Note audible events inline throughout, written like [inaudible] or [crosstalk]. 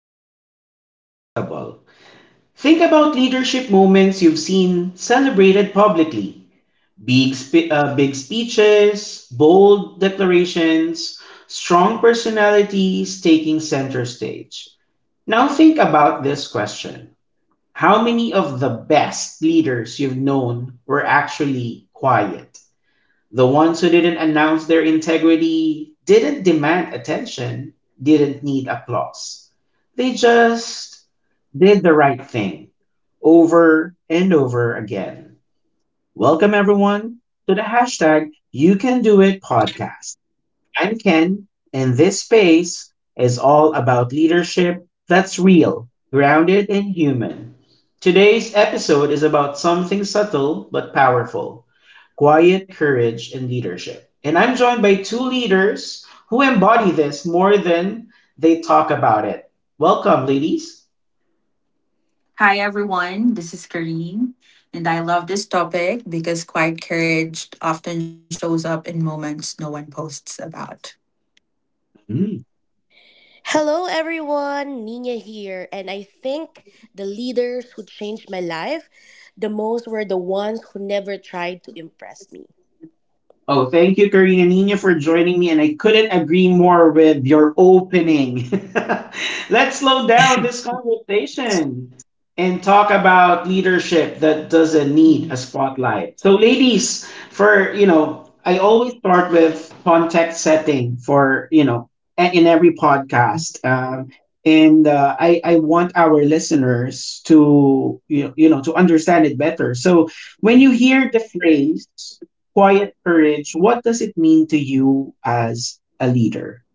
slightly uncomfortable. Think about leadership moments you've seen celebrated publicly. Big, big speeches, bold declarations, strong personalities taking center stage. Now think about this question. How many of the best leaders you've known were actually quiet? The ones who didn't announce their integrity didn't demand attention, didn't need applause. They just did the right thing over and over again. Welcome, everyone, to the #YouCanDoIt podcast. I'm Ken, and this space is all about leadership that's real, grounded, and human. Today's episode is about something subtle but powerful: quiet courage and leadership. And I'm joined by two leaders who embody this more than they talk about it. Welcome, ladies. Hi everyone, this is Kareen, and I love this topic because quiet courage often shows up in moments no one posts about. Hello, everyone. Nina here. And I think the leaders who changed my life the most were the ones who never tried to impress me. Oh, thank you, Karina Nina, for joining me, and I couldn't agree more with your opening. [laughs] Let's slow down [laughs] this conversation and talk about leadership that doesn't Mm. need a spotlight. So, ladies, I always start with context setting for in every podcast, and I want our listeners to to understand it better. So, when you hear the phrase quiet courage, what does it mean to you as a leader?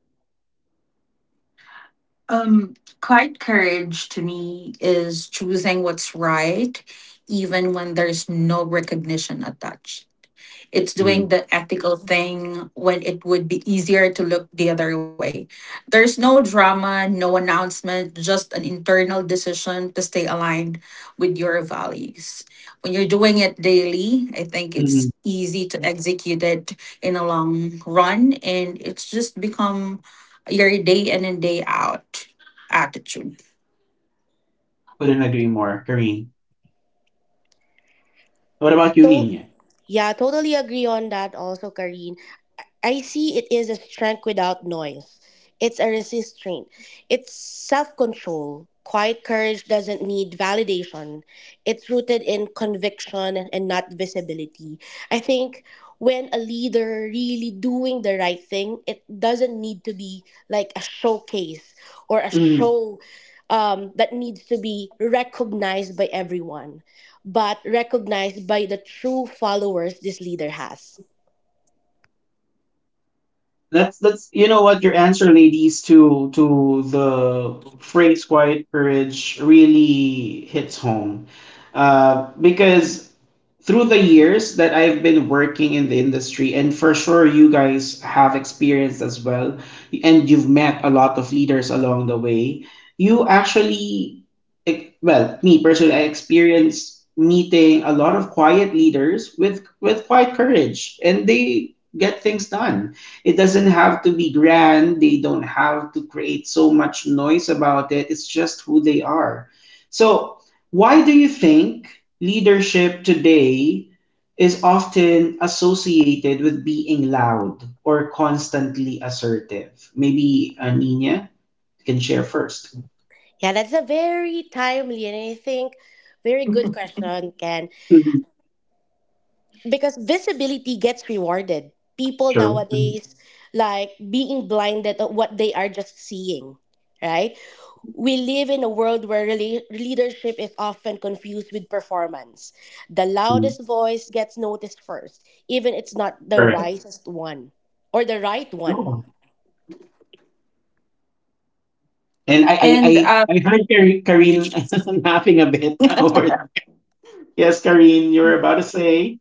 Um, Quiet courage to me is choosing what's right, even when there's no recognition attached. It's doing Mm. the ethical thing when it would be easier to look the other way. There's no drama, no announcement, just an internal decision to stay aligned with your values. When you're doing it daily, I think it's Mm-hmm. easy to execute it in a long run and it's just become your day in and day out attitude. Couldn't agree more, Kareem. What about you, So, Nina? yeah, totally agree on that also, Karin. I see it is a strength without noise. It's a resistance. It's self control. Quiet courage doesn't need validation. It's rooted in conviction and not visibility. I think when a leader really doing the right thing, it doesn't need to be like a showcase or a Mm. show that needs to be recognized by everyone, but recognized by the true followers this leader has. That's, you know what, your answer, ladies, to the phrase "quiet courage" really hits home, because through the years that I've been working in the industry, and for sure you guys have experienced as well, and you've met a lot of leaders along the way, you actually, well, me personally, I experience meeting a lot of quiet leaders with quiet courage, and they get things done. It doesn't have to be grand. They don't have to create so much noise about it. It's just who they are. So why do you think leadership today is often associated with being loud or constantly assertive? Maybe Nina can share first. Yeah, that's a very timely and I think very good question, Ken. Mhm. Because visibility gets rewarded. People True. Mhm. nowadays like being blinded at what they are just seeing, right? We live in a world where really leadership is often confused with performance. The Mhm. loudest voice gets noticed first, even it's not the Correct. wisest one or the right one. Oh. And I, I, And I, I heard Karin [laughs] laughing a bit [laughs] over. Yes, Karin, you were about to say.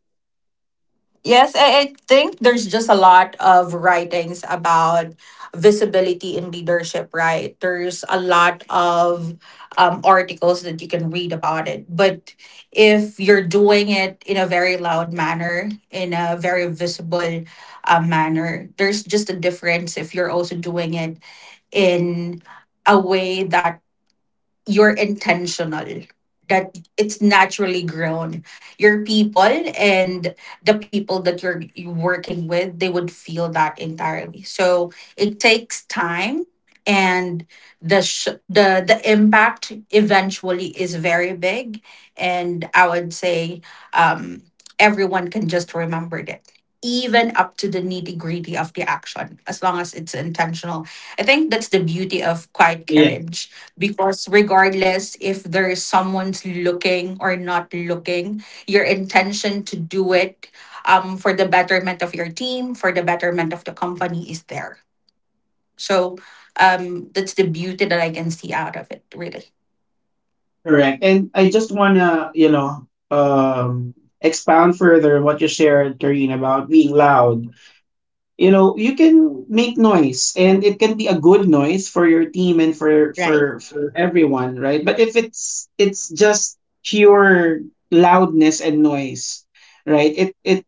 Yes, I think there's just a lot of writings about visibility in leadership, right? There's a lot of articles that you can read about it. But if you're doing it in a very loud manner, in a very visible manner, there's just a difference if you're also doing it in a way that you're intentional, that it's naturally grown your people, and the people that you're working with, they would feel that entirely. So it takes time, and the sh- the impact eventually is very big. And I would say um everyone can just remember that, even up to the nitty gritty of the action, as long as it's intentional. I think that's the beauty of quiet Yes, courage, because regardless if there is someone's looking or not looking, your intention to do it for the betterment of your team, for the betterment of the company, is there. So that's the beauty that I can see out of it, really. correct. And I just wanna, expound further on what you shared, Karin, about being loud, you can make noise and it can be a good noise for your team and for Right. for for everyone, right? But if it's just pure loudness and noise, right? it it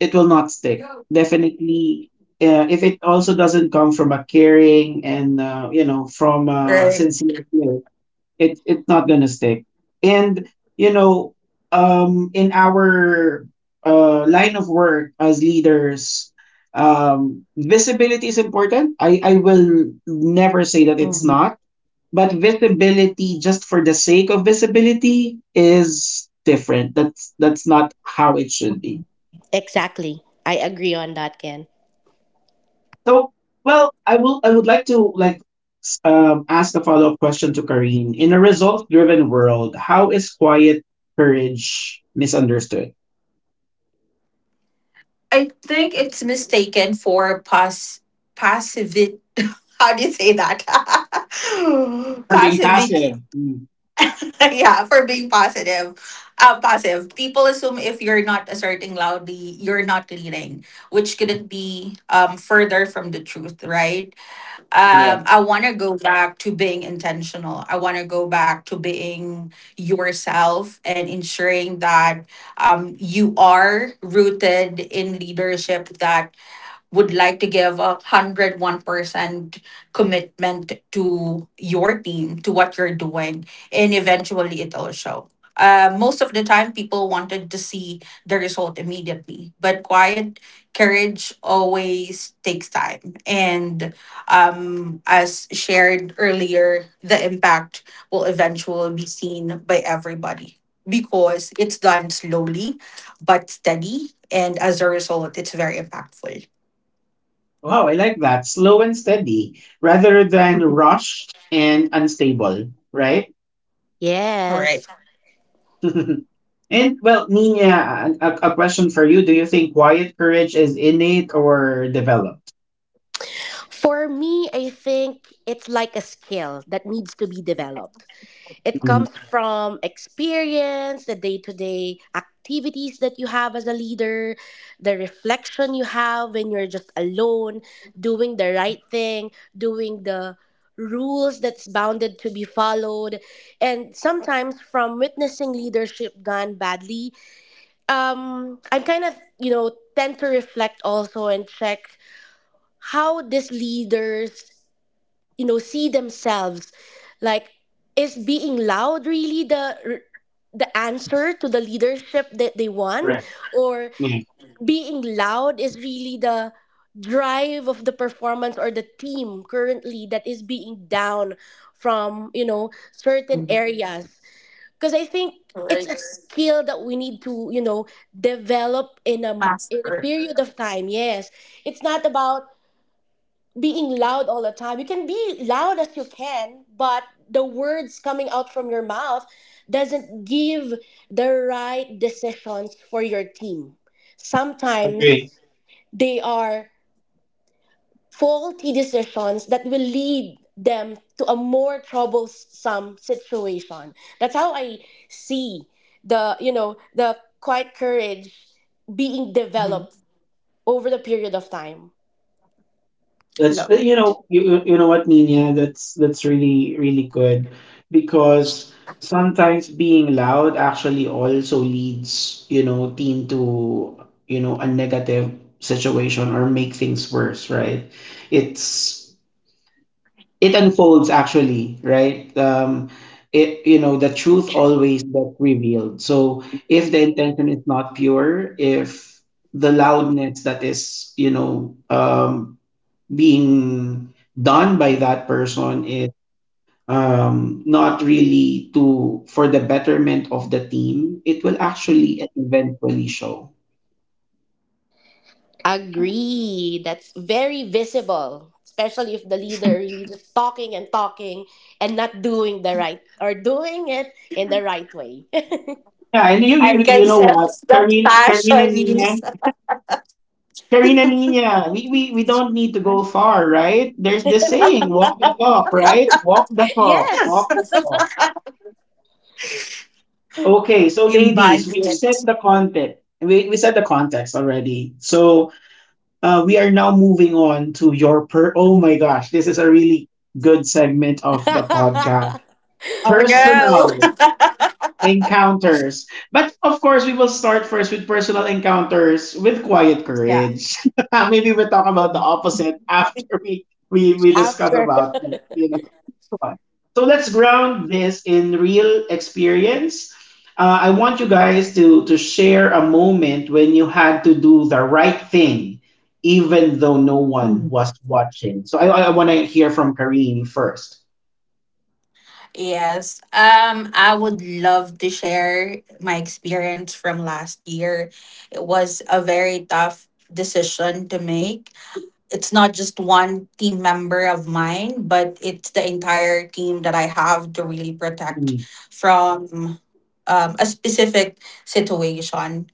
it will not stick, definitely, if it also doesn't come from a caring and from a Right. sincere, it's not gonna stick. And you know, in our line of work as leaders, visibility is important. I will never say that it's Mhm. not, but visibility just for the sake of visibility is different. That's not how it should be. Mhm. Exactly. I agree on that, Ken. So, well, I will. I would like to, like, ask a follow up question to Karine. In a results driven world, how is quiet courage misunderstood? I think it's mistaken for passive. [laughs] How do you say that? [laughs] Or being Passive. passive? Mm, [laughs] Yeah, for being positive. Positive. People assume if you're not asserting loudly, you're not leading, which couldn't be further from the truth, right? Correct. I want to go back to being intentional. I want to go back to being yourself and ensuring that you are rooted in leadership that would like to give a 101% commitment to your team, to what you're doing, and eventually it'll show. Most of the time, people wanted to see the result immediately, but quiet courage always takes time. And as shared earlier, the impact will eventually be seen by everybody because it's done slowly but steady. And as a result, it's very impactful. Wow, I like that. Slow and steady, rather [laughs] than Mhm. rushed and unstable. Right. All right. Yes. [laughs] And well, Nina, a question for you: Do you think quiet courage is innate or developed? For me, I think it's like a skill that needs to be developed. It Mm, comes from experience, the day to day activities that you have as a leader, the reflection you have when you're just alone, doing the right thing, doing the rules that's bounded to be followed, and sometimes from witnessing leadership gone badly. I'm kind of, you know, tend to reflect also and check how these leaders you know see themselves like is being loud really the answer to the leadership that they want correct. or Yeah. being loud is really the drive of the performance or the team currently that is being down from you know certain Mhm. areas because I think All right. it's a skill that we need to you know develop in a Master. period of time. Yes, it's not about being loud all the time. You can be loud as you can, but the words coming out from your mouth doesn't give the right decisions for your team. Agree. Sometimes they are faulty decisions that will lead them to a more troublesome situation. That's how I see the, you know, the quiet courage being Mhm. developed over the period of time. That's Love you it. know you you know what, Nina, that's really really good because sometimes being loud actually also leads, team to, a negative situation, or make things worse, right? It's it unfolds actually, right? Um it you know the truth always gets revealed. So if the intention is not pure, if the loudness that is, being done by that person is, not really, to for the betterment of the team, it will actually eventually show. Agree. That's very visible, especially if the leader really just talking and talking and not doing the right or doing it in the right way. Yeah, and you I you, can you know what, sense the Karina passion you Nina, Karina Nina, we don't need to go far, right? There's this saying, walk the talk, right? Walk the [laughs] talk, Yes. walk the talk. [laughs] Okay, so ladies, embodied we've it. set the content. We set the context already. So we are now moving on to your per. Oh my gosh, this is a really good segment of the [laughs] podcast. Oh my. Oh, Personal. Encounters. But of course, we will start first with personal encounters with quiet courage. [laughs] Maybe we'll talk about the opposite [laughs] after we discuss After about you know. [laughs] So let's ground this in real experience. I want you guys to share a moment when you had to do the right thing, even though no one Mm. was watching. So I want to hear from Kareen first. Yes. I would love to share my experience from last year. It was a very tough decision to make. It's not just one team member of mine, but it's the entire team that I have to really protect Mhm, from a specific situation.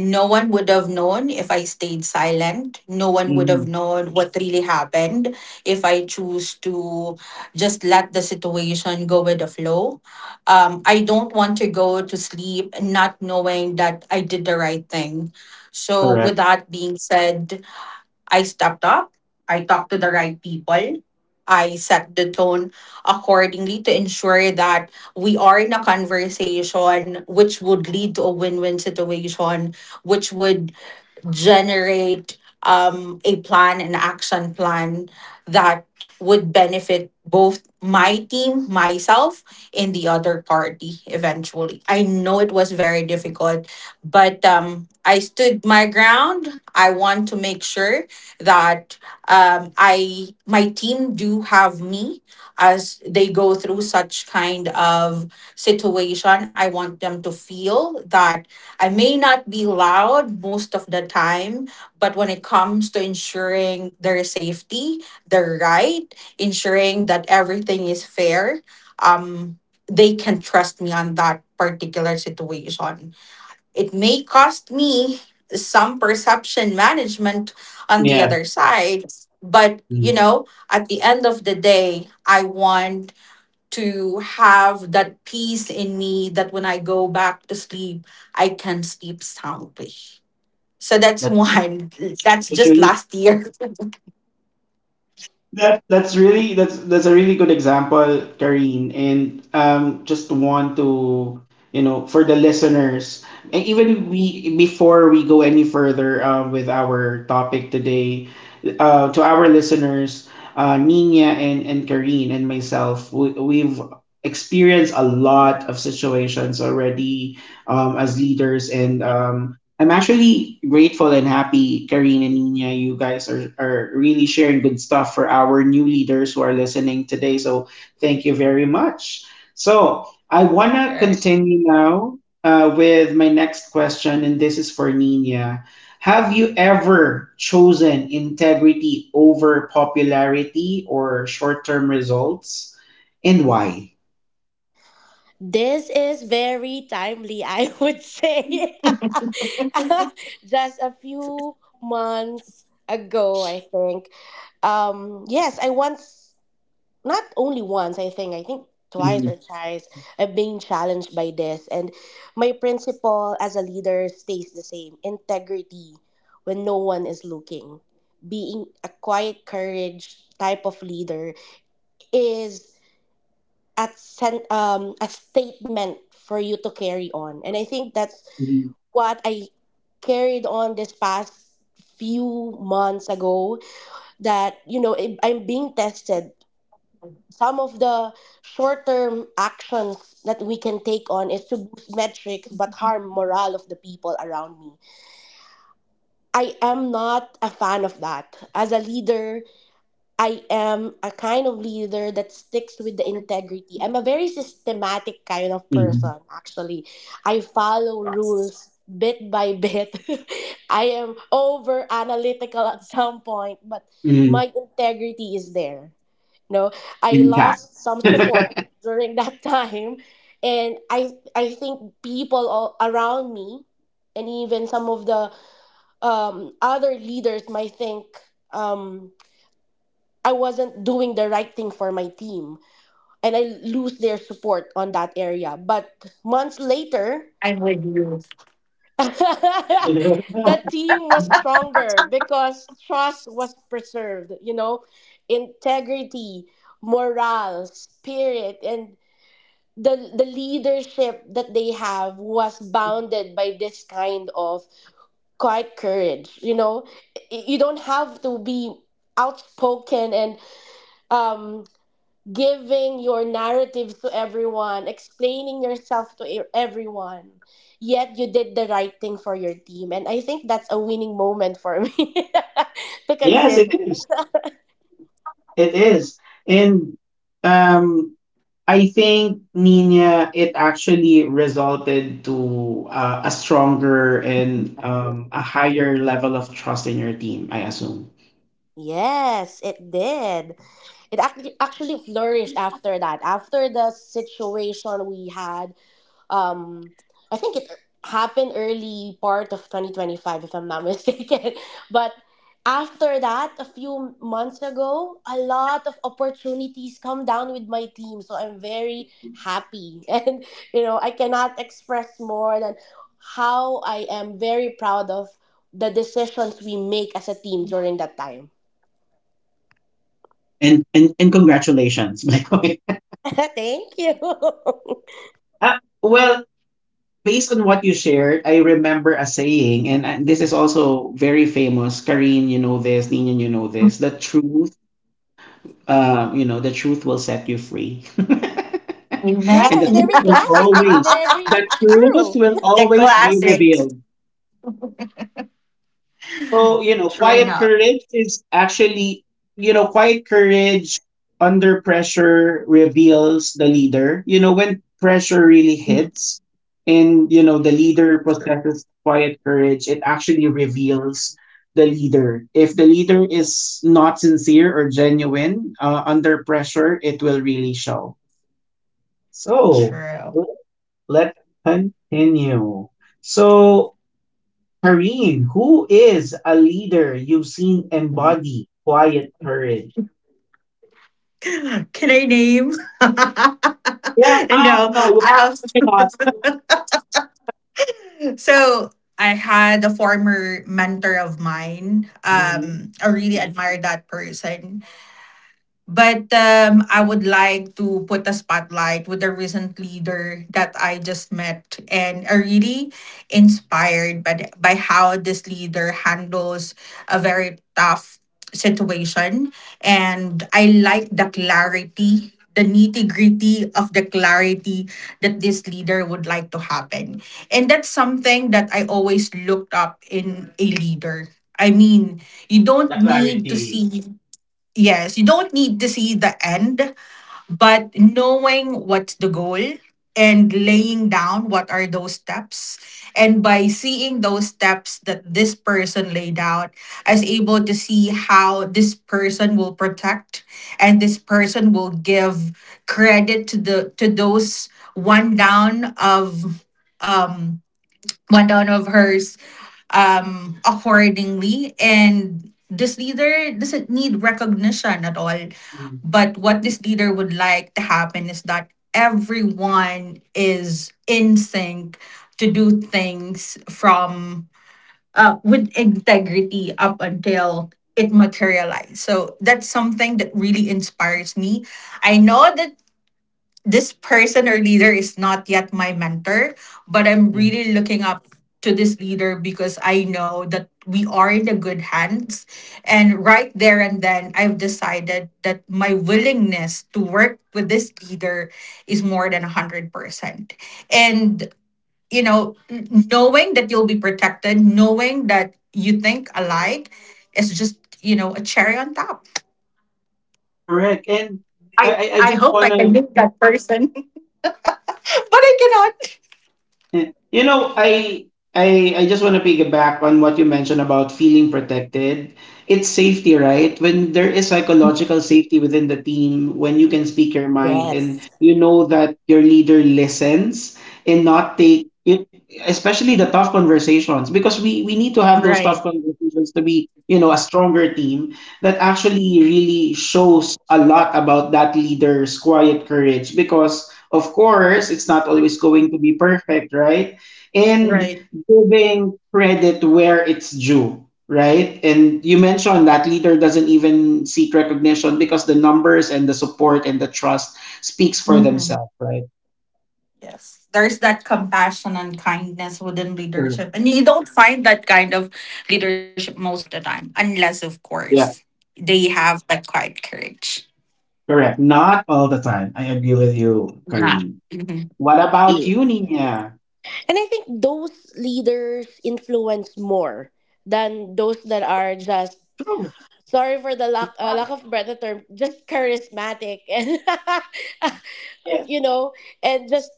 No one would have known if I stayed silent. No one would have mhm, known what really happened if I choose to just let the situation go with the flow. I don't want to go to sleep not knowing that I did the right thing. So, with correct. that being said, I stepped up, I talked to the right people, I set the tone accordingly to ensure that we are in a conversation which would lead to a win win situation, which would generate a plan, an action plan that would benefit both my team, myself, and the other party eventually. I know it was very difficult, but I stood my ground. I want to make sure that I my team do have me as they go through such kind of situation. I want them to feel that I may not be loud most of the time, but when it comes to ensuring their safety, their right, ensuring that everything is fair, um, they can trust me on that particular situation. It may cost me some perception management on the Yeah. other side, but you Mhm. know, at the end of the day, I want to have that peace in me that when I go back to sleep, I can sleep soundly. So that's [laughs] That's one. That's That's just really last year. that that's really that's a really good example, Karine. And just want to, for the listeners, and even we, before we go any further, with our topic today, to our listeners, Nina and Karine and myself, we've experienced a lot of situations already, as leaders, and I'm actually grateful and happy, Karine and Nina, you guys are really sharing good stuff for our new leaders who are listening today. So thank you very much. So I want to continue now, with my next question, and this is for Nina. Have you ever chosen integrity over popularity or short term results, and why? [laughs] this is very timely, [laughs] I would say. [laughs] Just a few months ago, I think. Yes, I once. Not only once, I think twice Mm-hmm. or thrice, I'm being challenged by this. And my principle as a leader stays the same integrity when no one is looking. Being a quiet courage type of leader is a statement for you to carry on. And I think that's what I carried on this past few months ago that you know I'm being tested. Some of the short term actions that we can take on is to boost metrics but harm morale of the people around me. I am not a fan of that. As a leader, I am a kind of leader that sticks with the integrity. I'm a very systematic kind of Mm-hmm. person, actually. I follow rules bit by bit. [laughs] I am over analytical at some point, but Mm-hmm. my integrity is there. No, I Intact. lost some support [laughs] during [laughs] that time, and I think people all around me, and even some of the other leaders might think. Um, I wasn't doing the right thing for my team and I lose their support on that area. But months later, Amen. [laughs] that team was stronger because trust was preserved, you know, integrity, morale, spirit, and the leadership that they have was bounded by this kind of quiet courage. You know, you don't have to be outspoken and um. giving your narrative to everyone, explaining yourself to everyone. Yet you did the right thing for your team. And I think that's a winning moment for me [laughs] to Yes, it consider. is. It is. And um I think, Nina, it actually resulted to a stronger and a higher level of trust in your team, I assume. Yes, it did. It actually flourished after that. After the situation we had um I think it happened early part of 2025 if I'm not [laughs] mistaken. But after that, a few months ago, a lot of opportunities come down with my team. So I'm very happy. [laughs] And you know, I cannot express more than how I am very proud of the decisions we make as a team during that time. And congratulations, [laughs] by the way. [laughs] Thank you. [laughs] Well, based on what you shared, I remember a saying, and this is also very famous. Kareen, you know this, Nina, you know this. The truth will set you free. [laughs] And the Yes, truth very will [laughs] classic but always, very the true. truth will The always be classic. revealed. So, True enough. Quiet courage under pressure reveals the leader. When pressure really Mhm. hits and the leader possesses quiet courage, it actually reveals the leader. If the leader is not sincere or genuine, under pressure, it will really show. So, True. let's continue. So, Kareen, who is a leader you've seen embody quiet courage? Can I name? Yeah, [laughs] ah, No. no, Um, you cannot. so I had a former mentor of mine. Mhm. I really admired that person. But I would like to put a spotlight with a recent leader that I just met and are really inspired by, by how this leader handles a very tough situation. And I like the clarity, the nitty gritty of the clarity that this leader would like to happen. And that's something that I always looked up in a leader. I mean, you don't The need to clarity. see, Yes, you don't need to see the end, but knowing what's the goal and laying down what are those steps. And by seeing those steps that this person laid out, I was able to see how this person will protect, and this person will give credit to the to those one down of um hers accordingly. And this leader doesn't need recognition at all. Mm, But what this leader would like to happen is that everyone is in sync to do things from with integrity up until it materialized. So that's something that really inspires me. I know that this person or leader is not yet my mentor, but I'm mm. really looking up to this leader because I know that we are in the good hands. And right there and then, I've decided that my willingness to work with this leader is more than 100%. And, you know, knowing that you'll be protected, knowing that you think alike is just, you know, a cherry on top. Correct. And I I just hope I wanna. can meet that person, [laughs] but I cannot. Yeah. You know, I just want to piggyback on what you mentioned about feeling protected. It's safety, right? When there is psychological safety within the team, when you can speak your mind and Yes. you know that your leader listens and not take it, especially the tough conversations, because we need to have those Right. tough conversations to be, a stronger team, that actually really shows a lot about that leader's quiet courage, because of course, it's not always going to be perfect, right? And Right. giving credit where it's due, right? And you mentioned that leader doesn't even seek recognition because the numbers and the support and the trust speaks for Hmm. themselves, right? Yes. There's that compassion and kindness within Sure. leadership. And you don't find that kind of leadership most of the time, unless, of Yeah, course, they have that quiet courage. correct. Not all the time. I agree with you, Not. Karin. What about you, Nina? And I think those leaders influence more than those that are just True. sorry for the lack lack Exactly. of better term, just charismatic [laughs] and Yes. you know, and just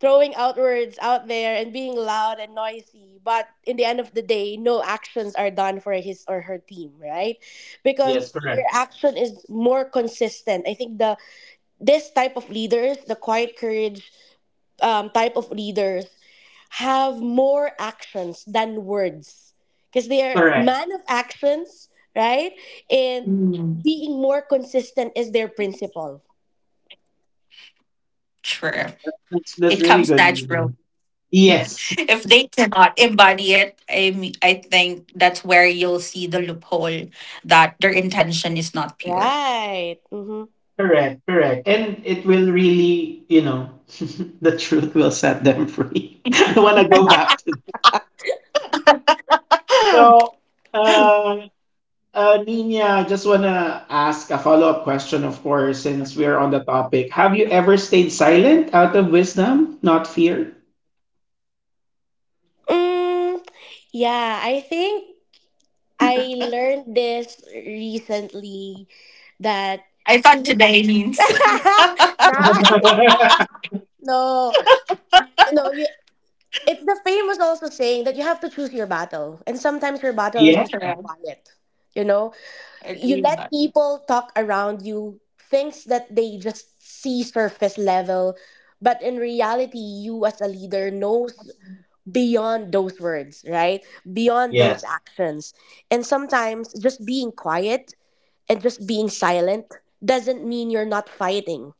throwing out words out there and being loud and noisy, but in the end of the day, no actions are done for his or her team, right? Yes, Because their correct. action is more consistent. I think the this type of leaders, the quiet courage type of leaders have more actions than words because they are Correct. man of actions, right? And Hmm. being more consistent is their principle. Sure. That's It really comes good, natural. Nina. Yes. If they cannot embody it, I mean, I think that's where you'll see the loophole, that their intention is not pure. Right. Mm-hmm. Correct, correct. And it will really, you know, [laughs] the truth will set them free. [laughs] I want to go back to. So, uh, Nina, I just want to ask a follow-up question, of course, since we're on the topic. Have you ever stayed silent out of wisdom, not fear? Mm, yeah, I think I learned this recently that I thought today choose means. [laughs] [laughs] nah [laughs] no no you it's the famous also saying that you have to choose your battle and sometimes your battle is Yeah. just to be quiet, you know. I You agree with let that. people talk around you things that they just see surface level, but in reality you as a leader knows beyond those words, right? Beyond those Yes. actions. And sometimes just being quiet and just being silent doesn't mean you're not fighting.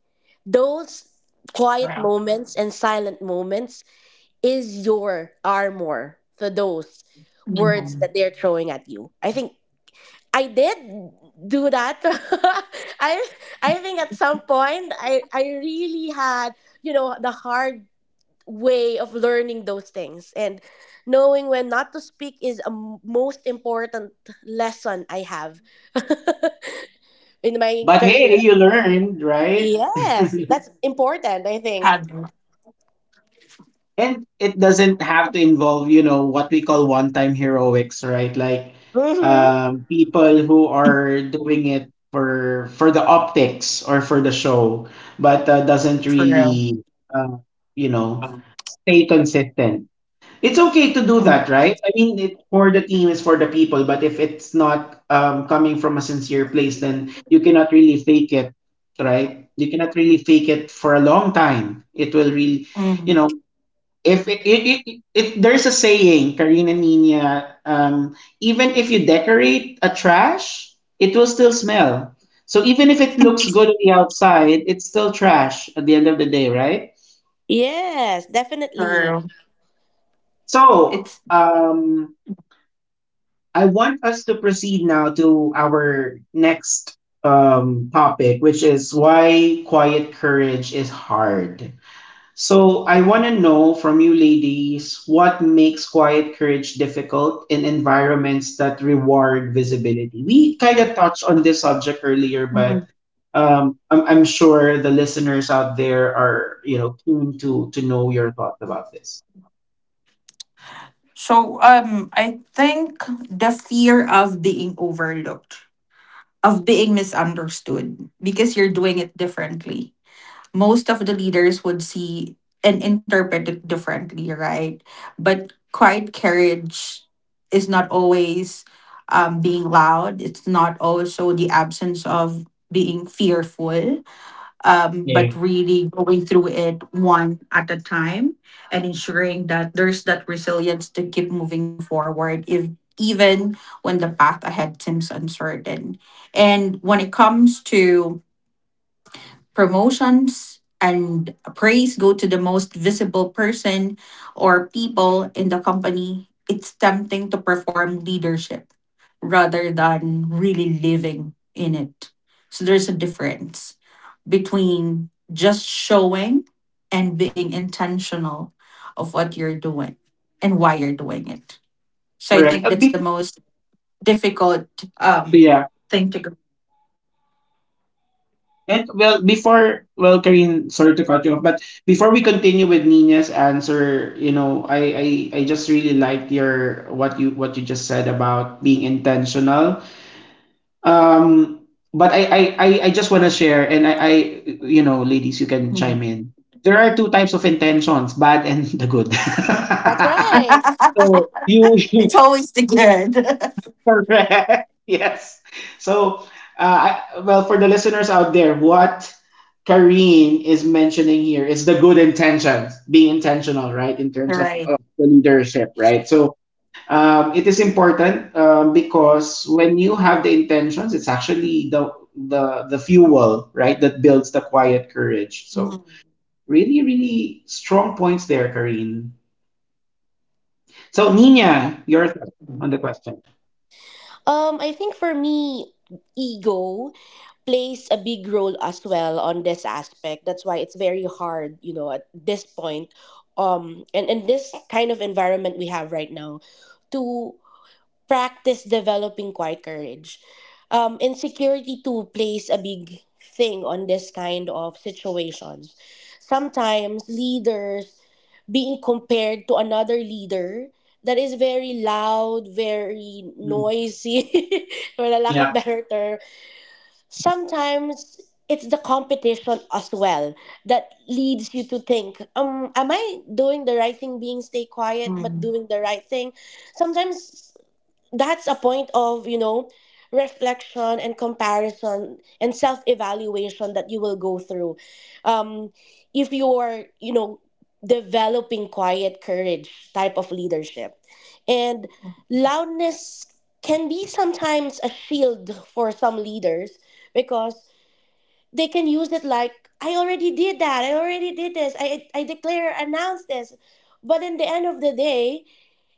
Those quiet moments and silent moments is your armor for those words that they're throwing at you. I think I did do that. [laughs] I I think at some point I really had, you know, the hard way of learning those things, and knowing when not to speak is a most important lesson I have [laughs] in my But hey, career. you learned, right? Yes, that's important, I think. Had. And it doesn't have to involve, you know, what we call one time heroics, right? Like, Mhm. People who are doing it for the optics or for the show, but doesn't really, uh, you know stay consistent. It's okay to do that, right? I mean, it for the team, is for the people, but if it's not, coming from a sincere place, then you cannot really fake it, right? You cannot really fake it for a long time. It will really, you Mm. know if it, it, it, it, there's a saying, Karina Nina, even if you decorate a trash, it will still smell. So even if it looks good on the outside, it's still trash at the end of the day, right? Yes, definitely. True. So, I want us to proceed now to our next topic, which is why quiet courage is hard. So I want to know from you ladies what makes quiet courage difficult in environments that reward visibility. We kind of touched on this subject earlier, but I'm sure the listeners out there are, keen to know your thoughts about this. So I think the fear of being overlooked, of being misunderstood because you're doing it differently. Most of the leaders would see and interpret it differently, right? But quiet courage is not always being loud. It's not also the absence of being fearful, but Yeah. really going through it one at a time and ensuring that there's that resilience to keep moving forward, if even when the path ahead seems uncertain. And when it comes to promotions and praise go to the most visible person or people in the company, it's tempting to perform leadership rather than really living in it. So there's a difference between just showing and being intentional of what you're doing and why you're doing it. So I think Correct. Uh, that's the be- most difficult um, yeah. thing to go. And Karin, sorry to cut you off, but before we continue with Nina's answer, I just really liked your what you just said about being intentional. Um, but I just want to share, and ladies, you can Mm. chime in. There are two types of intentions: bad and the good. That's right. [laughs] so you, [laughs] It's always the [laughs] good. Correct. [laughs] Yes. So, for the listeners out there, what Kareen is mentioning here is the good intentions, being intentional, right, in [laughs] terms of, Right. of the leadership, right? So, it is important because when you have the intentions, it's actually the fuel, right, that builds the quiet courage. So, Mm. really, really strong points there, Kareen. So, Nina, your thoughts on the question. I think for me ego plays a big role as well on this aspect. That's why it's very hard, you know, at this point, and in this kind of environment we have right now, to practice developing quiet courage. Insecurity too plays a big thing on this kind of situations. Sometimes leaders being compared to another leader that is very loud, very Mm. noisy, [laughs] for a lack of Yeah. better term, sometimes it's the competition as well that leads you to think, am I doing the right thing being stay Mm. quiet but Mm. doing the right thing? Sometimes that's a point of, you know, reflection and comparison and self-evaluation that you will go through um if you are you know developing quiet courage type of leadership. And loudness can be sometimes a shield for some leaders because they can use it like, I already did that, I already did this, I declare, announce this, but in the end of the day,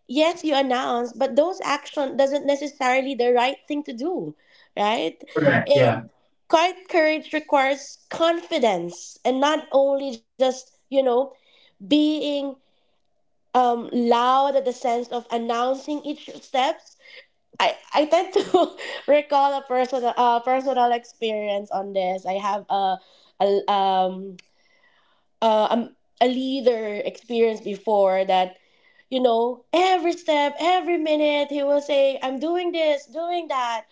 yes, you announce, but those action doesn't necessarily the right thing to do, right? Mm. Correct. Yeah. And quiet courage requires confidence and not only just you know being loud at the sense of announcing each steps. I tend to [laughs] recall a personal personal experience on this. I have a um uh, um, a leader experienced before that, you know, every step every minute he will say, I'm doing this, doing that.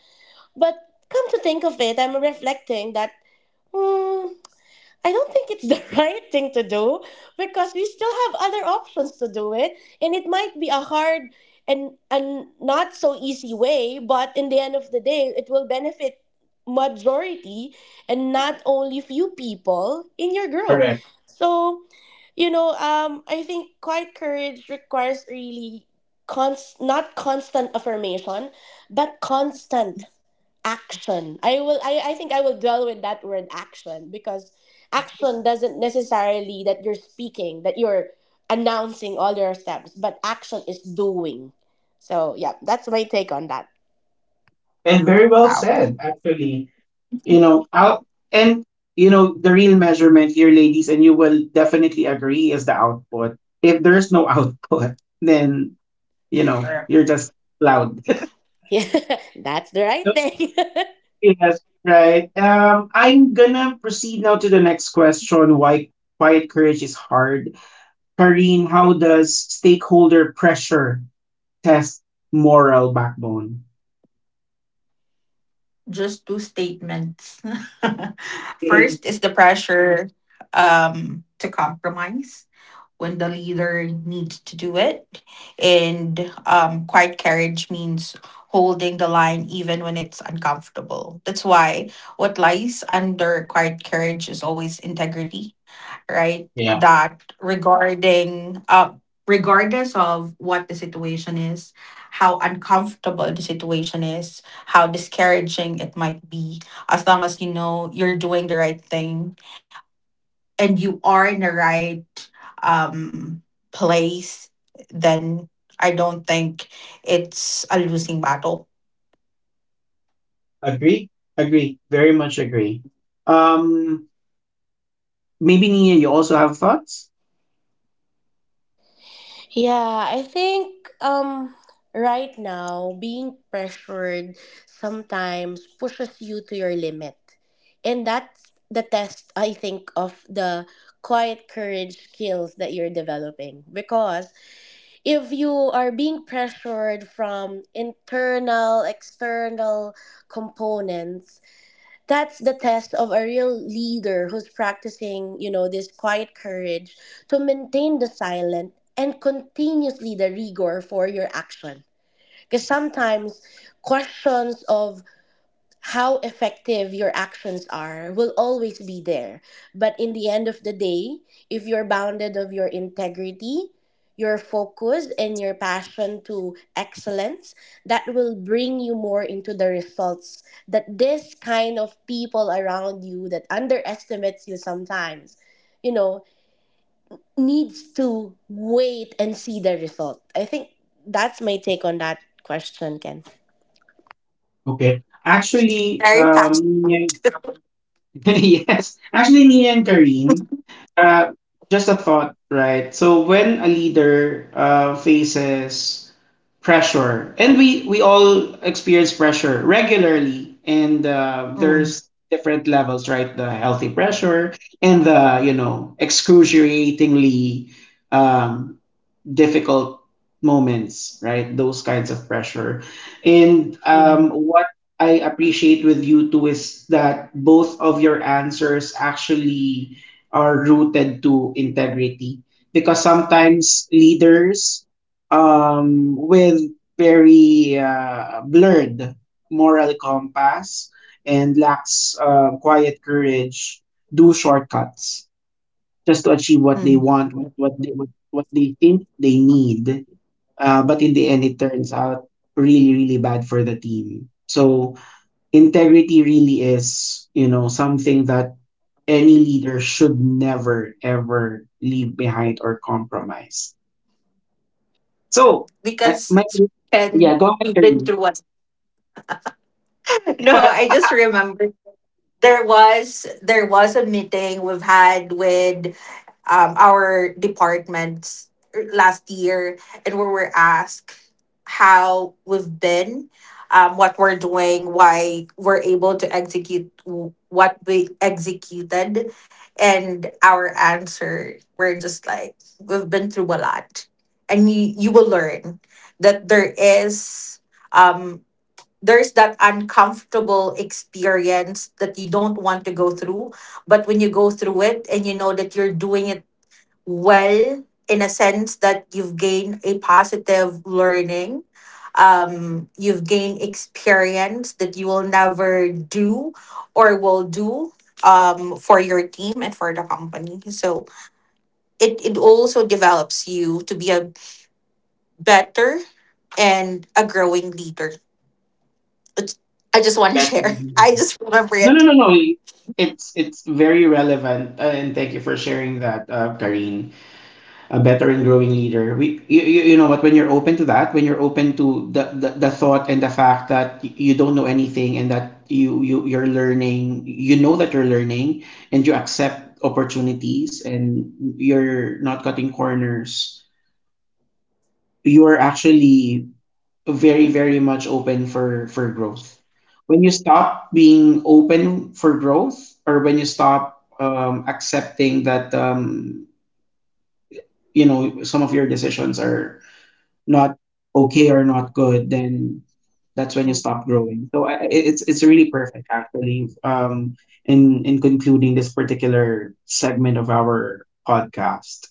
But come to think of it, I'm reflecting that, hmm, I don't think it's the [laughs] right thing to do, because we still have other options to do it. And it might be a hard and not so easy way, but in the end of the day, it will benefit majority and not only few people in your group. Correct. So, you know, I think quiet courage requires really not constant affirmation, but constant action. I think I will dwell with that word action because action doesn't necessarily that you're speaking, that you're announcing all your steps, but action is doing. So yeah, that's my take on that. And very well Wow. said, actually. You know, out and you know, the real measurement here, ladies, and you will definitely agree is the output. If there's no [laughs] output, then Sure. you're just loud. [laughs] Yeah, that's the right thing. [laughs] [laughs] yes, right. I'm gonna proceed now to the next question. Why quiet courage is hard. Karine, how does stakeholder pressure test moral backbone? Just two statements. [laughs] First [laughs] is the pressure to compromise when the leader needs to do it. And quiet courage means holding the line even when it's uncomfortable. That's why what lies under quiet courage is always integrity, right? Yeah, That regarding regardless of what the situation is, how uncomfortable the situation is, how discouraging it might be, as long as you know you're doing the right thing and you are in the right um place, then I don't think it's a losing battle. agree, agree, very much agree. Um, Maybe Nia, you also have thoughts? Yeah, I think right now being pressured sometimes pushes you to your limit. And that's the test I think of the quiet courage skills that you're developing, because if you are being pressured from internal external components, that's the test of a real leader who's practicing, you know, this quiet courage to maintain the silent and continuously the rigor for your action. Because sometimes questions of how effective your actions are will always be there, but in the end of the day, if you're bounded of your integrity, your focus and your passion to excellence, that will bring you more into the results. That this kind of people around you that underestimates you sometimes, you know, needs to wait and see the result. I think that's my take on that question, Ken. Okay. Actually, Very fast. Nia, [laughs] yes. Actually, Nia and Kareen, uh, just a thought, right? So when a leader faces pressure, and we all experience pressure regularly, and Mm. there's different levels, right? The healthy pressure and the excruciatingly um, difficult moments, right? Those kinds of pressure. And Mm. what I appreciate with you too is that both of your answers actually are rooted to integrity, because sometimes leaders with very blurred moral compass and lacks quiet courage do shortcuts just to achieve what they Mm. want, what they think they need. But in the end, it turns out really really bad for the team. So integrity really is something that any leader should never ever leave behind or compromise. So I my Because and yeah, go ahead, we've been Kareem. through what? [laughs] No, [laughs] I just remember, there was a meeting we've had with our departments last year, and we were asked how we've been, what we're doing, why we're able to execute what we executed. And our answer were just like, we've been through a lot, and you will learn that there is um, there's that uncomfortable experience that you don't want to go through. But when you go through it and you know that you're doing it well, in a sense that you've gained a positive learning, you've gained experience that you will never do or will do for your team and for the company, so it also develops you to be a better and a growing leader. I just want to [laughs] Better. share. I just remember No, no, it. no, no. It's very relevant, and thank you for sharing that, Karine. A better and growing leader. We, you know what? When you're open to that, when you're open to the thought and the fact that you don't know anything, and that you're learning, you know that you're learning, and you accept opportunities and you're not cutting corners. You are actually very very much open for growth. When you stop being open for growth, or when you stop accepting that some of your decisions are not okay or not good, then that's Mm. when you stop growing. So it's really perfect, actually. In concluding this particular segment of our podcast.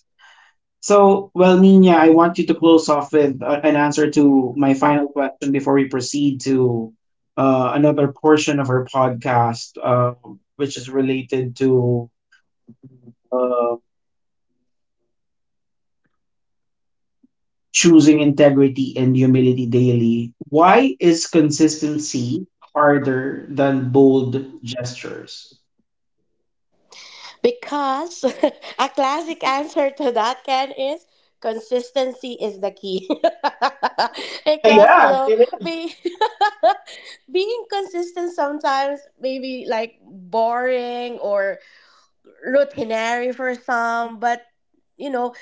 So, well, Nina, I want you to close off with an answer to my final question before we proceed to another portion of our podcast, which is related to uh, choosing integrity and humility daily, why is consistency harder than bold gestures? Because [laughs] a classic answer to that, Ken, is consistency is the key. [laughs] Because, you Yeah, know, it is. be, [laughs] being consistent sometimes may be like boring or routinary for some, but, you know,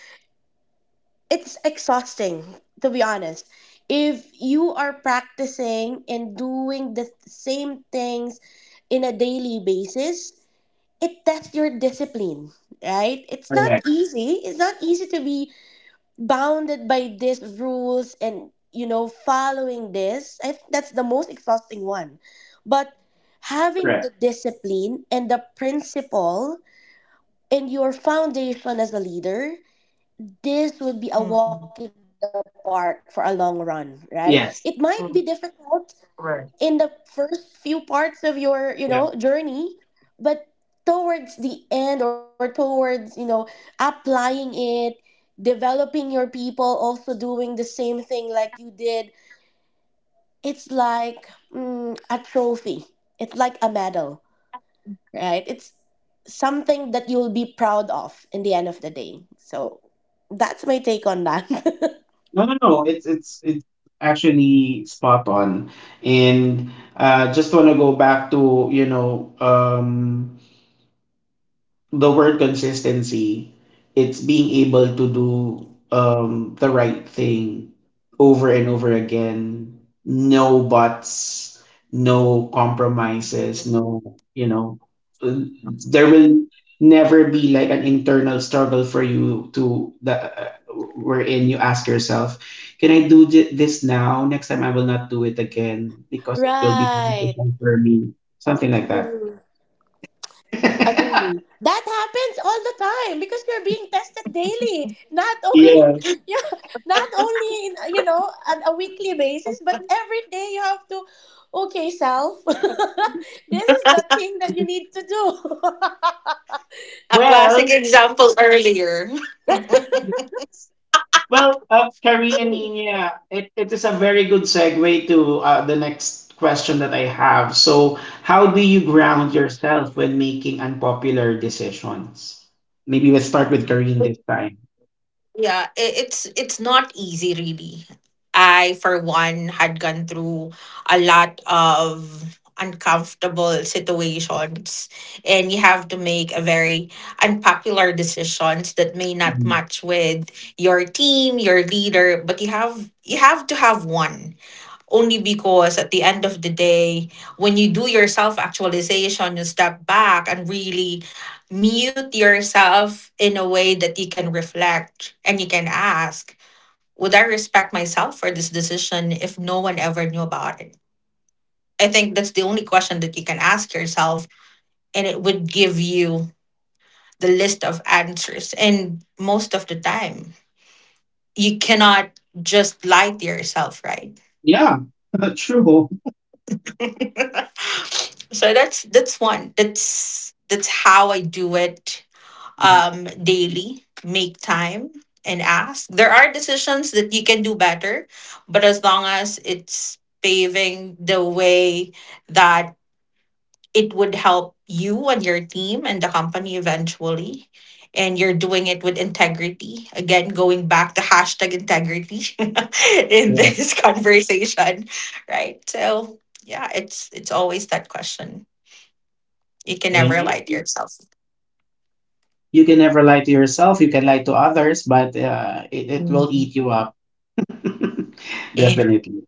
it's exhausting, to be honest. If you are practicing and doing the same things in a daily basis, it tests your discipline, right? It's not Correct. easy. It's not easy to be bounded by these rules and you know following this. I think that's the most exhausting one. But Correct. having the discipline and the principle and your foundation as a leader, this would be a walk Mm. in the park for a long run, right? It might be Yes. Mm. difficult in the Right. first few parts of your, you know, Yeah. journey, but towards the end or towards, you know, applying it, developing your people, also doing the same thing like you did, it's like a trophy, it's like a medal, right? It's something that you'll be proud of in the end of the day. So that's my take on that. [laughs] No, no, no. It's actually spot on. And just wanna go back to, the word consistency, it's being able to do the right thing over and over again. No buts, no compromises, Mm. no. Uh, there will never be like an internal struggle for you to the wherein you ask yourself, can I do this now? Next time I will not do it again because it will be Right. beneficial for me. Something like that. Agree. [laughs] That happens all the time because you're being tested daily. Not only yeah. [laughs] yeah, not only in, you know, on a weekly basis, but every day you have to. Okay, self. [laughs] This is the thing that you need to do. A classic Well, example earlier. [laughs] well, Karina Nina, it is a very good segue to the next question that I have. So, how do you ground yourself when making unpopular decisions? Maybe we'll start with Karine this time. Yeah, it's not easy, really. I for one had gone through a lot of uncomfortable situations, and you have to make a very unpopular decisions that may not Mhm. match with your team, your leader, but you have, you have to have one. Only because at the end of the day, when you do your self actualization, you step back and really mute yourself in a way that you can reflect and you can ask, would I respect myself for this decision if no one ever knew about it? I think that's the only question that you can ask yourself, and it would give you the list of answers. And most of the time, you cannot just lie to yourself, right? Yeah, [laughs] true. [laughs] So that's one. That's how I do it Mm. Daily. Make time and ask. There are decisions that you can do better, but as long as it's paving the way that it would help you and your team and the company eventually, and you're doing it with integrity, again going back to hashtag integrity [laughs] in Yeah. this conversation, right? So yeah, it's always that question, you can And never you, lie to you yourself. you can never lie to yourself. You can lie to others, but it will eat Mm. you up. [laughs] Eh. Definitely.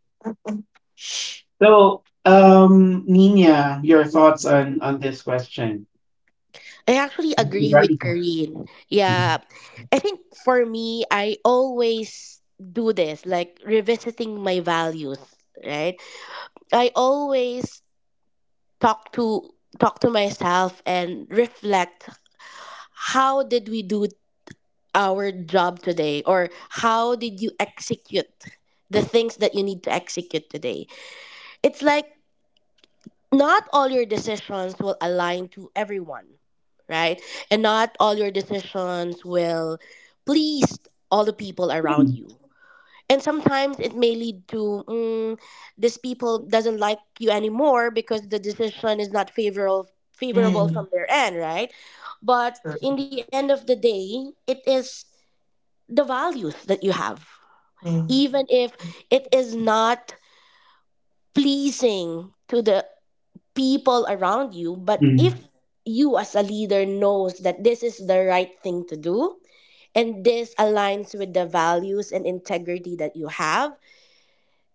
So, Nina, your thoughts on this question? [laughs] I actually agree with Veronica. Kareen. Yeah. I think for me, I always do this, like revisiting my values, right? I always talk to talk to myself and reflect. How did we do our job today? Or how did you execute the things that you need to execute today? It's like, not all your decisions will align to everyone, right? And not all your decisions will please all the people around Mhm. you, and sometimes it may lead to this people doesn't like you anymore because the decision is not favorable from their Mm. end, right? But in the end True. of the day, it is the values that you have. Even Mm. if it is not pleasing to the people around you, but Mhm. if you as a leader knows that this is the right thing to do, and this aligns with the values and integrity that you have,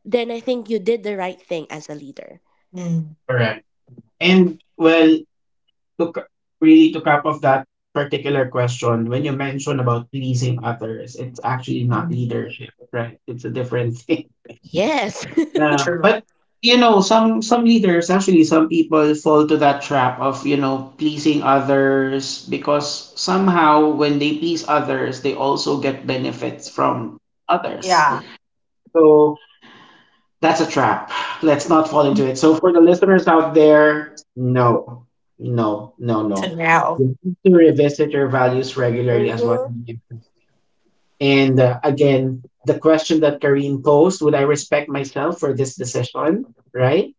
then I think you did the right thing as a leader. Mm. Correct. And, well, to, c- really to cap off that particular question, when you mention about pleasing others, it's actually not Mm. leadership, right? It's a different [laughs] thing. Yes. [laughs] Yeah, but True. Some leaders actually, some people fall to that trap of pleasing others, because somehow when they please others, they also get benefits from others. Yeah. So that's a trap. Let's not fall into it. So for the listeners out there, no, no, no, To no. now. You need to revisit your values regularly as what. Mhm. You do. And again, the question that Karine posed: Would I respect myself for this decision? Right?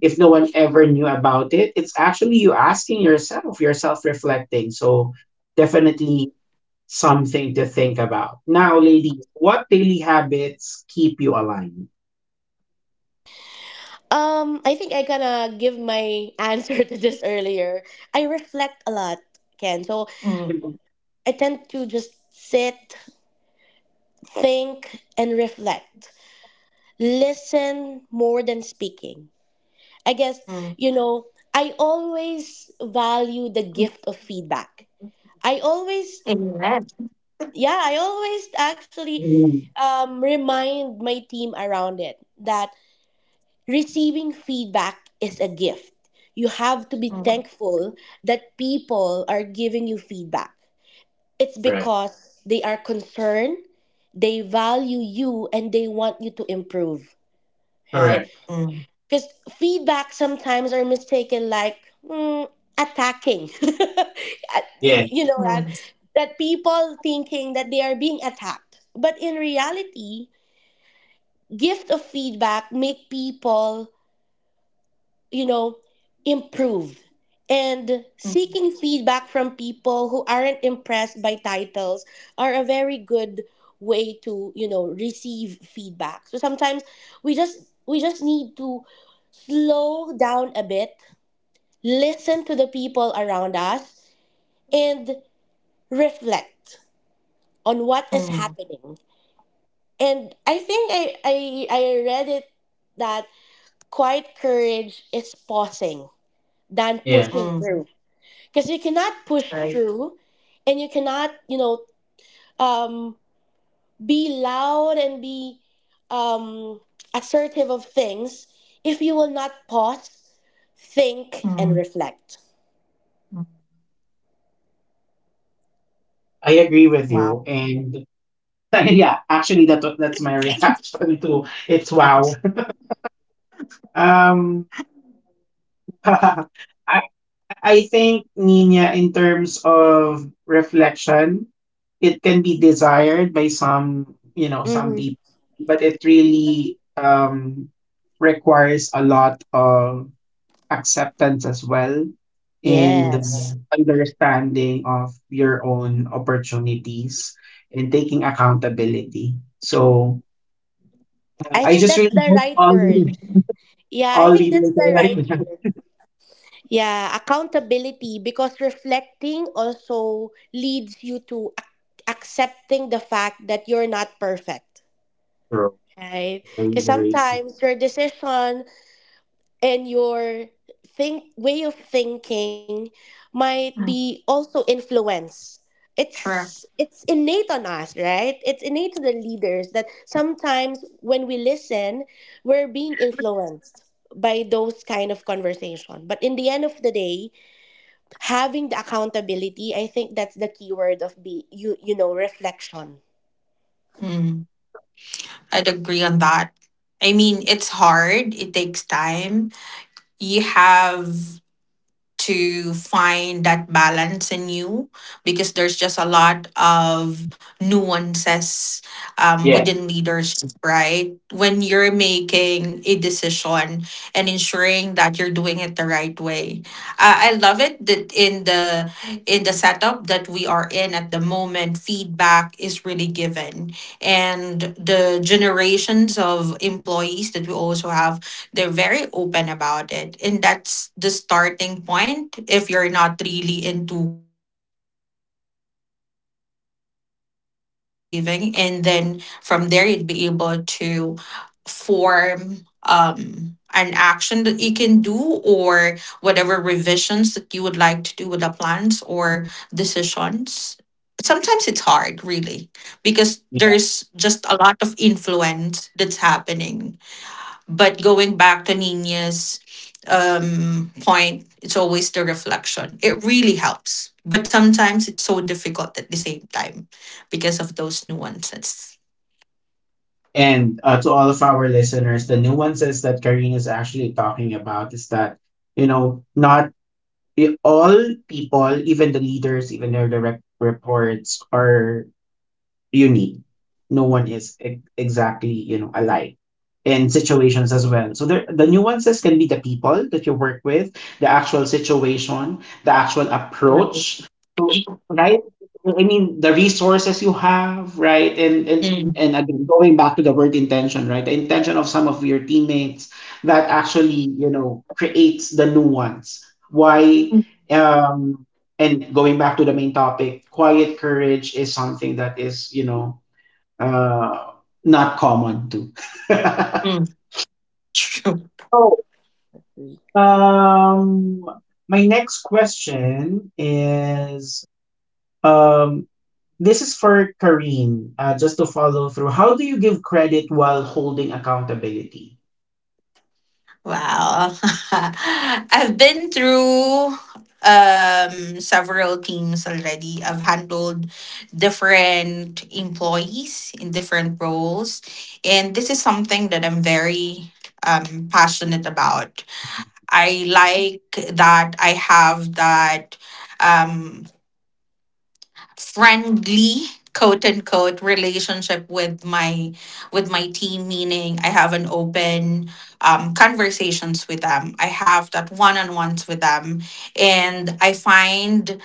If no one ever knew about it, it's actually you asking yourself, you're self-reflecting. So, definitely something to think about. Now, ladies, what daily habits keep you aligned? I think I gonna give my answer [laughs] to this earlier. I reflect a lot, Ken. So Mm. I tend to just sit, think, and reflect. Listen more than speaking. I guess, Mm. you know, I always value the gift of feedback. I always, Amen. yeah, I always actually remind my team around it that receiving feedback is a gift. You have to be Mm. thankful that people are giving you feedback. It's Right. because they are concerned, they value you, and they want you to improve, right? Correct. Mm. Because feedback sometimes are mistaken like mm, attacking. [laughs] You, Yeah, you know that Mm. that people thinking that they are being attacked, but in reality, gift of feedback make people, you know, improve. And Mm. seeking feedback from people who aren't impressed by titles are a very good way to, you know, receive feedback. So sometimes we just need to slow down a bit, listen to the people around us and reflect on what is Mm. happening. And I think I read it that quiet courage is pausing than yeah, pushing Mm. through. Because you cannot push Right. through, and you cannot, you know, um, be loud and be um, assertive of things if you will not pause, think, and Mm. reflect. Mm. I agree with Wow. you. And [laughs] yeah, actually that's my [laughs] reaction to it's wow. Mm. um [laughs] I, I think, Nina, in terms of reflection, it can be desired by some, you know, some Hmm. people, but it really requires a lot of acceptance as well, and Yes, understanding of your own opportunities, and taking accountability. So I I think just that's really the hope right all word. leaders, Yeah, I all think leaders that's are the like right that. word. Yeah, accountability, because reflecting also leads you to accepting the fact that you're not perfect, True. right? Very, Because very true. sometimes your decision and your think way of thinking might be also influence. True. It's innate on us, right? It's innate to the leaders that sometimes when we listen, we're being influenced by those kind of conversation. But in the end of the day, having the accountability, I think that's the key word of be you, you know, reflection. Mm. I'd agree on that. I mean, it's hard. It takes time. You have to find that balance in you because there's just a lot of nuances, Yeah. within leadership, right? When you're making a decision and ensuring that you're doing it the right way. I love it that in the setup that we are in at the moment, feedback is really given. And the generations of employees that we also have, they're very open about it. And that's the starting point if you're not really into quiet courage, but really opening yourself and receiving. And then from there, you'd be able to form an action that you can do or whatever revisions that you would like to do with the plans or decisions. Sometimes it's hard, really, because there's just a lot of influence that's happening, but going back to Nina's point, it's always the reflection. It really helps. But sometimes it's so difficult at the same time because of those nuances. And to all of our listeners, the nuances that Karine is actually talking about is that, you know, not all people, even the leaders, even their direct reports, are unique. No one is exactly, you know, alike in situations as well. So there, the nuances can be the people that you work with, the actual situation, the actual Mm. approach. So, right? I mean, the resources you have, right? And again, going back to the word intention, right? The intention of some of your teammates that actually, you know, creates the nuance. Why? Um, and going back to the main topic, quiet courage is something that is, uh, not common too. [laughs] Mm. True. so, [laughs] um, my next question is, um, this is for Kareen, just to follow through. How do you give credit while holding accountability? Wow. [laughs] I've been through several teams already. I've handled different employees in different roles, and this is something that I'm very passionate about. I like that I have that um friendly, quote unquote, relationship with my team, meaning I have an open, conversations with them, I have that one-on-ones with them, and I find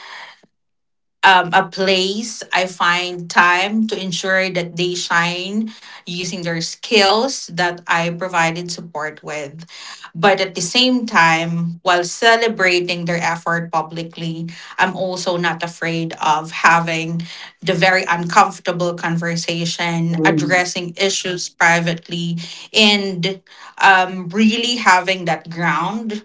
a place, I find time to ensure that they shine using their skills that I provided support with. But at the same time, while celebrating their effort publicly, I'm also not afraid of having the very uncomfortable conversation, addressing issues privately, and really having that ground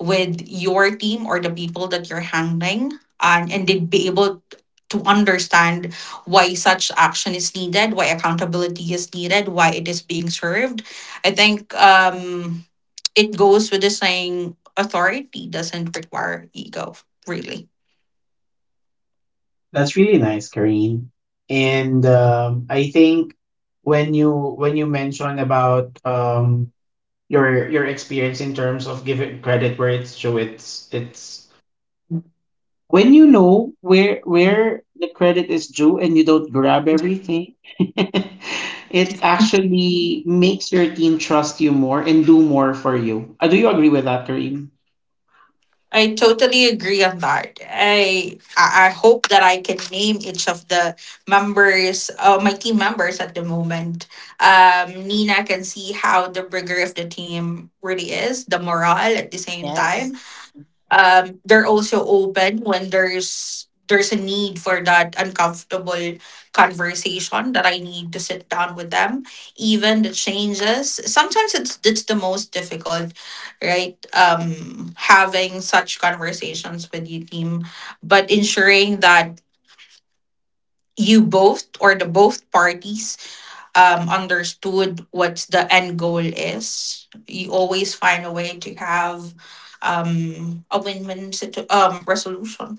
with your team or the people that you're handling, and, they'd be able to understand why such action is needed, why accountability is needed, why it is being served. I think it goes with the saying, authority doesn't require ego, really. That's really nice, Kareen. And I think when you mentioned about your experience in terms of giving credit where it's due, it's when you know where the credit is due and you don't grab everything, [laughs] it actually makes your team trust you more and do more for you. Do you agree with that, Kareen? I totally agree on that. I hope that I can name each of the members, my team members at the moment. Nina can see how the rigor of the team really is, the morale at the same time, they're also open when there's a need for that uncomfortable conversation that I need to sit down with them. Even the changes, sometimes it's the most difficult, right? Having such conversations with your team, but ensuring that you both, or the both parties, understood what the end goal is. You always find a way to have a win-win resolution.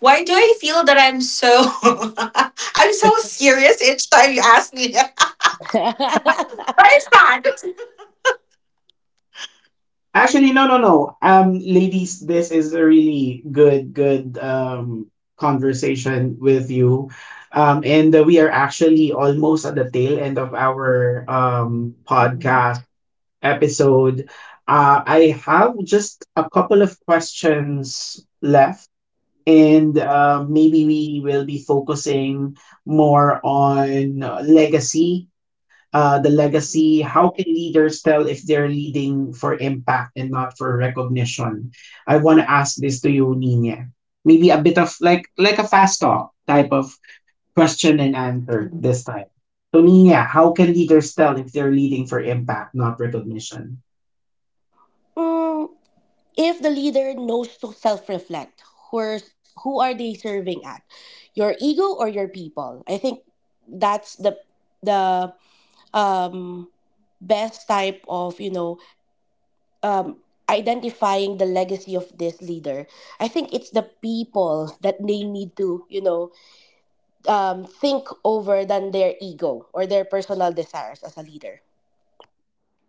Why do I feel that I'm so [laughs] I'm so serious each time you ask me? That? [laughs] Why is that? Actually, no, no, no. Ladies, this is a really good, good conversation with you. And we are actually almost at the tail end of our podcast episode. I have just a couple of questions left, and maybe we will be focusing more on legacy, the legacy. How can leaders tell if they're leading for impact and not for recognition? I want to ask this to you, Nina. Maybe a bit of a fast talk type of question and answer this time. So, Nina, how can leaders tell if they're leading for impact, not recognition? Mm, if the leader knows to self-reflect, who are, who are they serving at, your ego or your people? I think that's the um best type of, you know, um identifying the legacy of this leader. I think it's the people that they need to, you know, think over than their ego or their personal desires as a leader.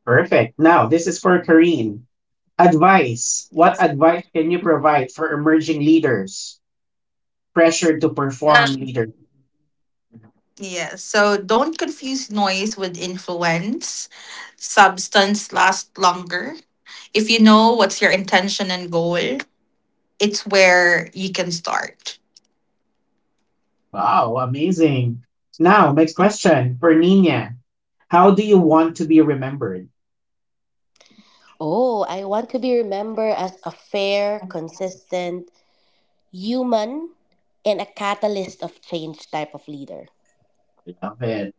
Perfect. Now, this is for Kareen. Advice. What advice can you provide for emerging leaders pressured to perform Um, leadership? yeah, so don't confuse noise with influence. Substance lasts longer. If you know what's your intention and goal, it's where you can start. Wow, amazing. Now, next question for Nina. How do you want to be remembered? Oh, I want to be remembered as a fair, consistent human and a catalyst of change type of leader. Love it.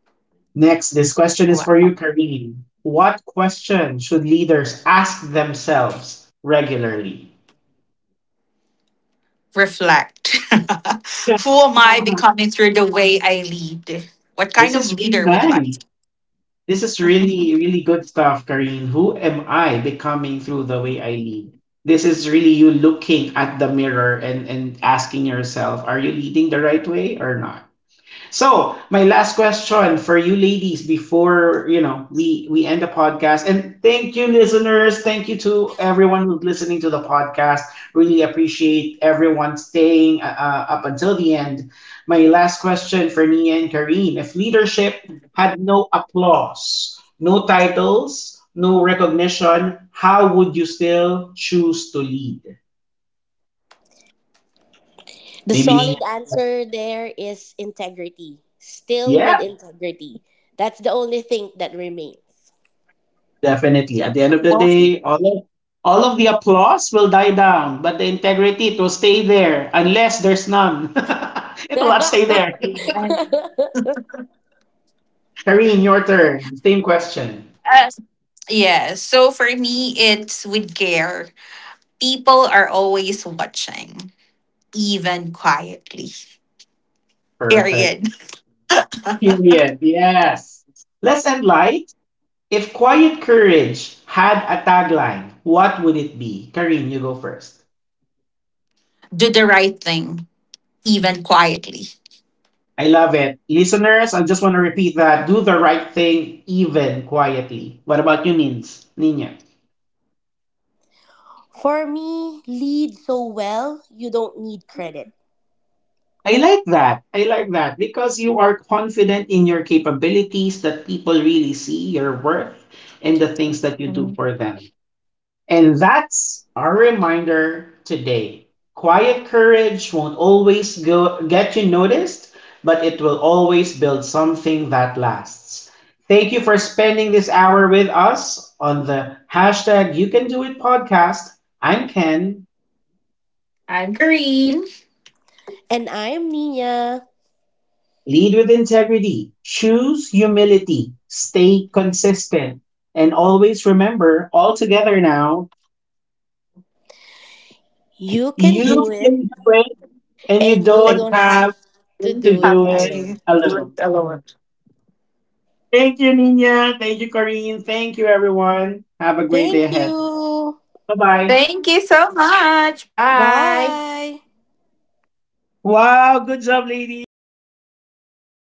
Next, this question is for you, Karine. What question should leaders ask themselves regularly? Reflect. [laughs] Who am I [laughs] becoming through the way I lead? What this kind of is really leader would you like nice. to be? This is really, really good stuff, Karine. Who am I becoming through the way I lead? This is really you looking at the mirror and asking yourself, are you leading the right way or not? So, my last question for you ladies before, we end the podcast. And thank you, listeners. Thank you to everyone who's listening to the podcast. Really appreciate everyone staying up until the end. My last question for Nia and Kareen: if leadership had no applause, no titles, no recognition, how would you still choose to lead? The Maybe Nia. solid answer there is integrity. Still with Yeah. integrity. That's the only thing that remains. Definitely. At the end of the Well, day, all of the applause will die down, but the integrity, it will stay there unless there's none. [laughs] it will not stay [laughs] there. [laughs] Karine, your turn. Same question. yes. Yeah. So for me, it's with care. People are always watching, even quietly. Perfect. Period. Period. Yes. Let's end light. If Quiet Courage had a tagline, what would it be? Karine, you go first. Do the right thing, even quietly. I love it. Listeners, I just want to repeat that. Do the right thing, even quietly. What about you, Nins? Nina? For me, lead so well, you don't need credit. I like that. I like that, because you are confident in your capabilities that people really see your worth and the things that you do Mhm. for them. And that's our reminder today. Quiet courage won't always go get you noticed, but it will always build something that lasts. Thank you for spending this hour with us on the #YouCanDoIt podcast. I'm Ken. I'm Green. And I'm Nina. Lead with integrity, choose humility, stay consistent, and always remember, all together now, You can You, you do it. can do it, and you And you don't and don't have have to you to do it have do it to alone. do it alone. alone. Thank you, Nina. Thank you, Corinne. Thank you, everyone. Have a great day Thank ahead. you. Bye bye. Thank you so much. Bye. Bye. Wow, good job, ladies.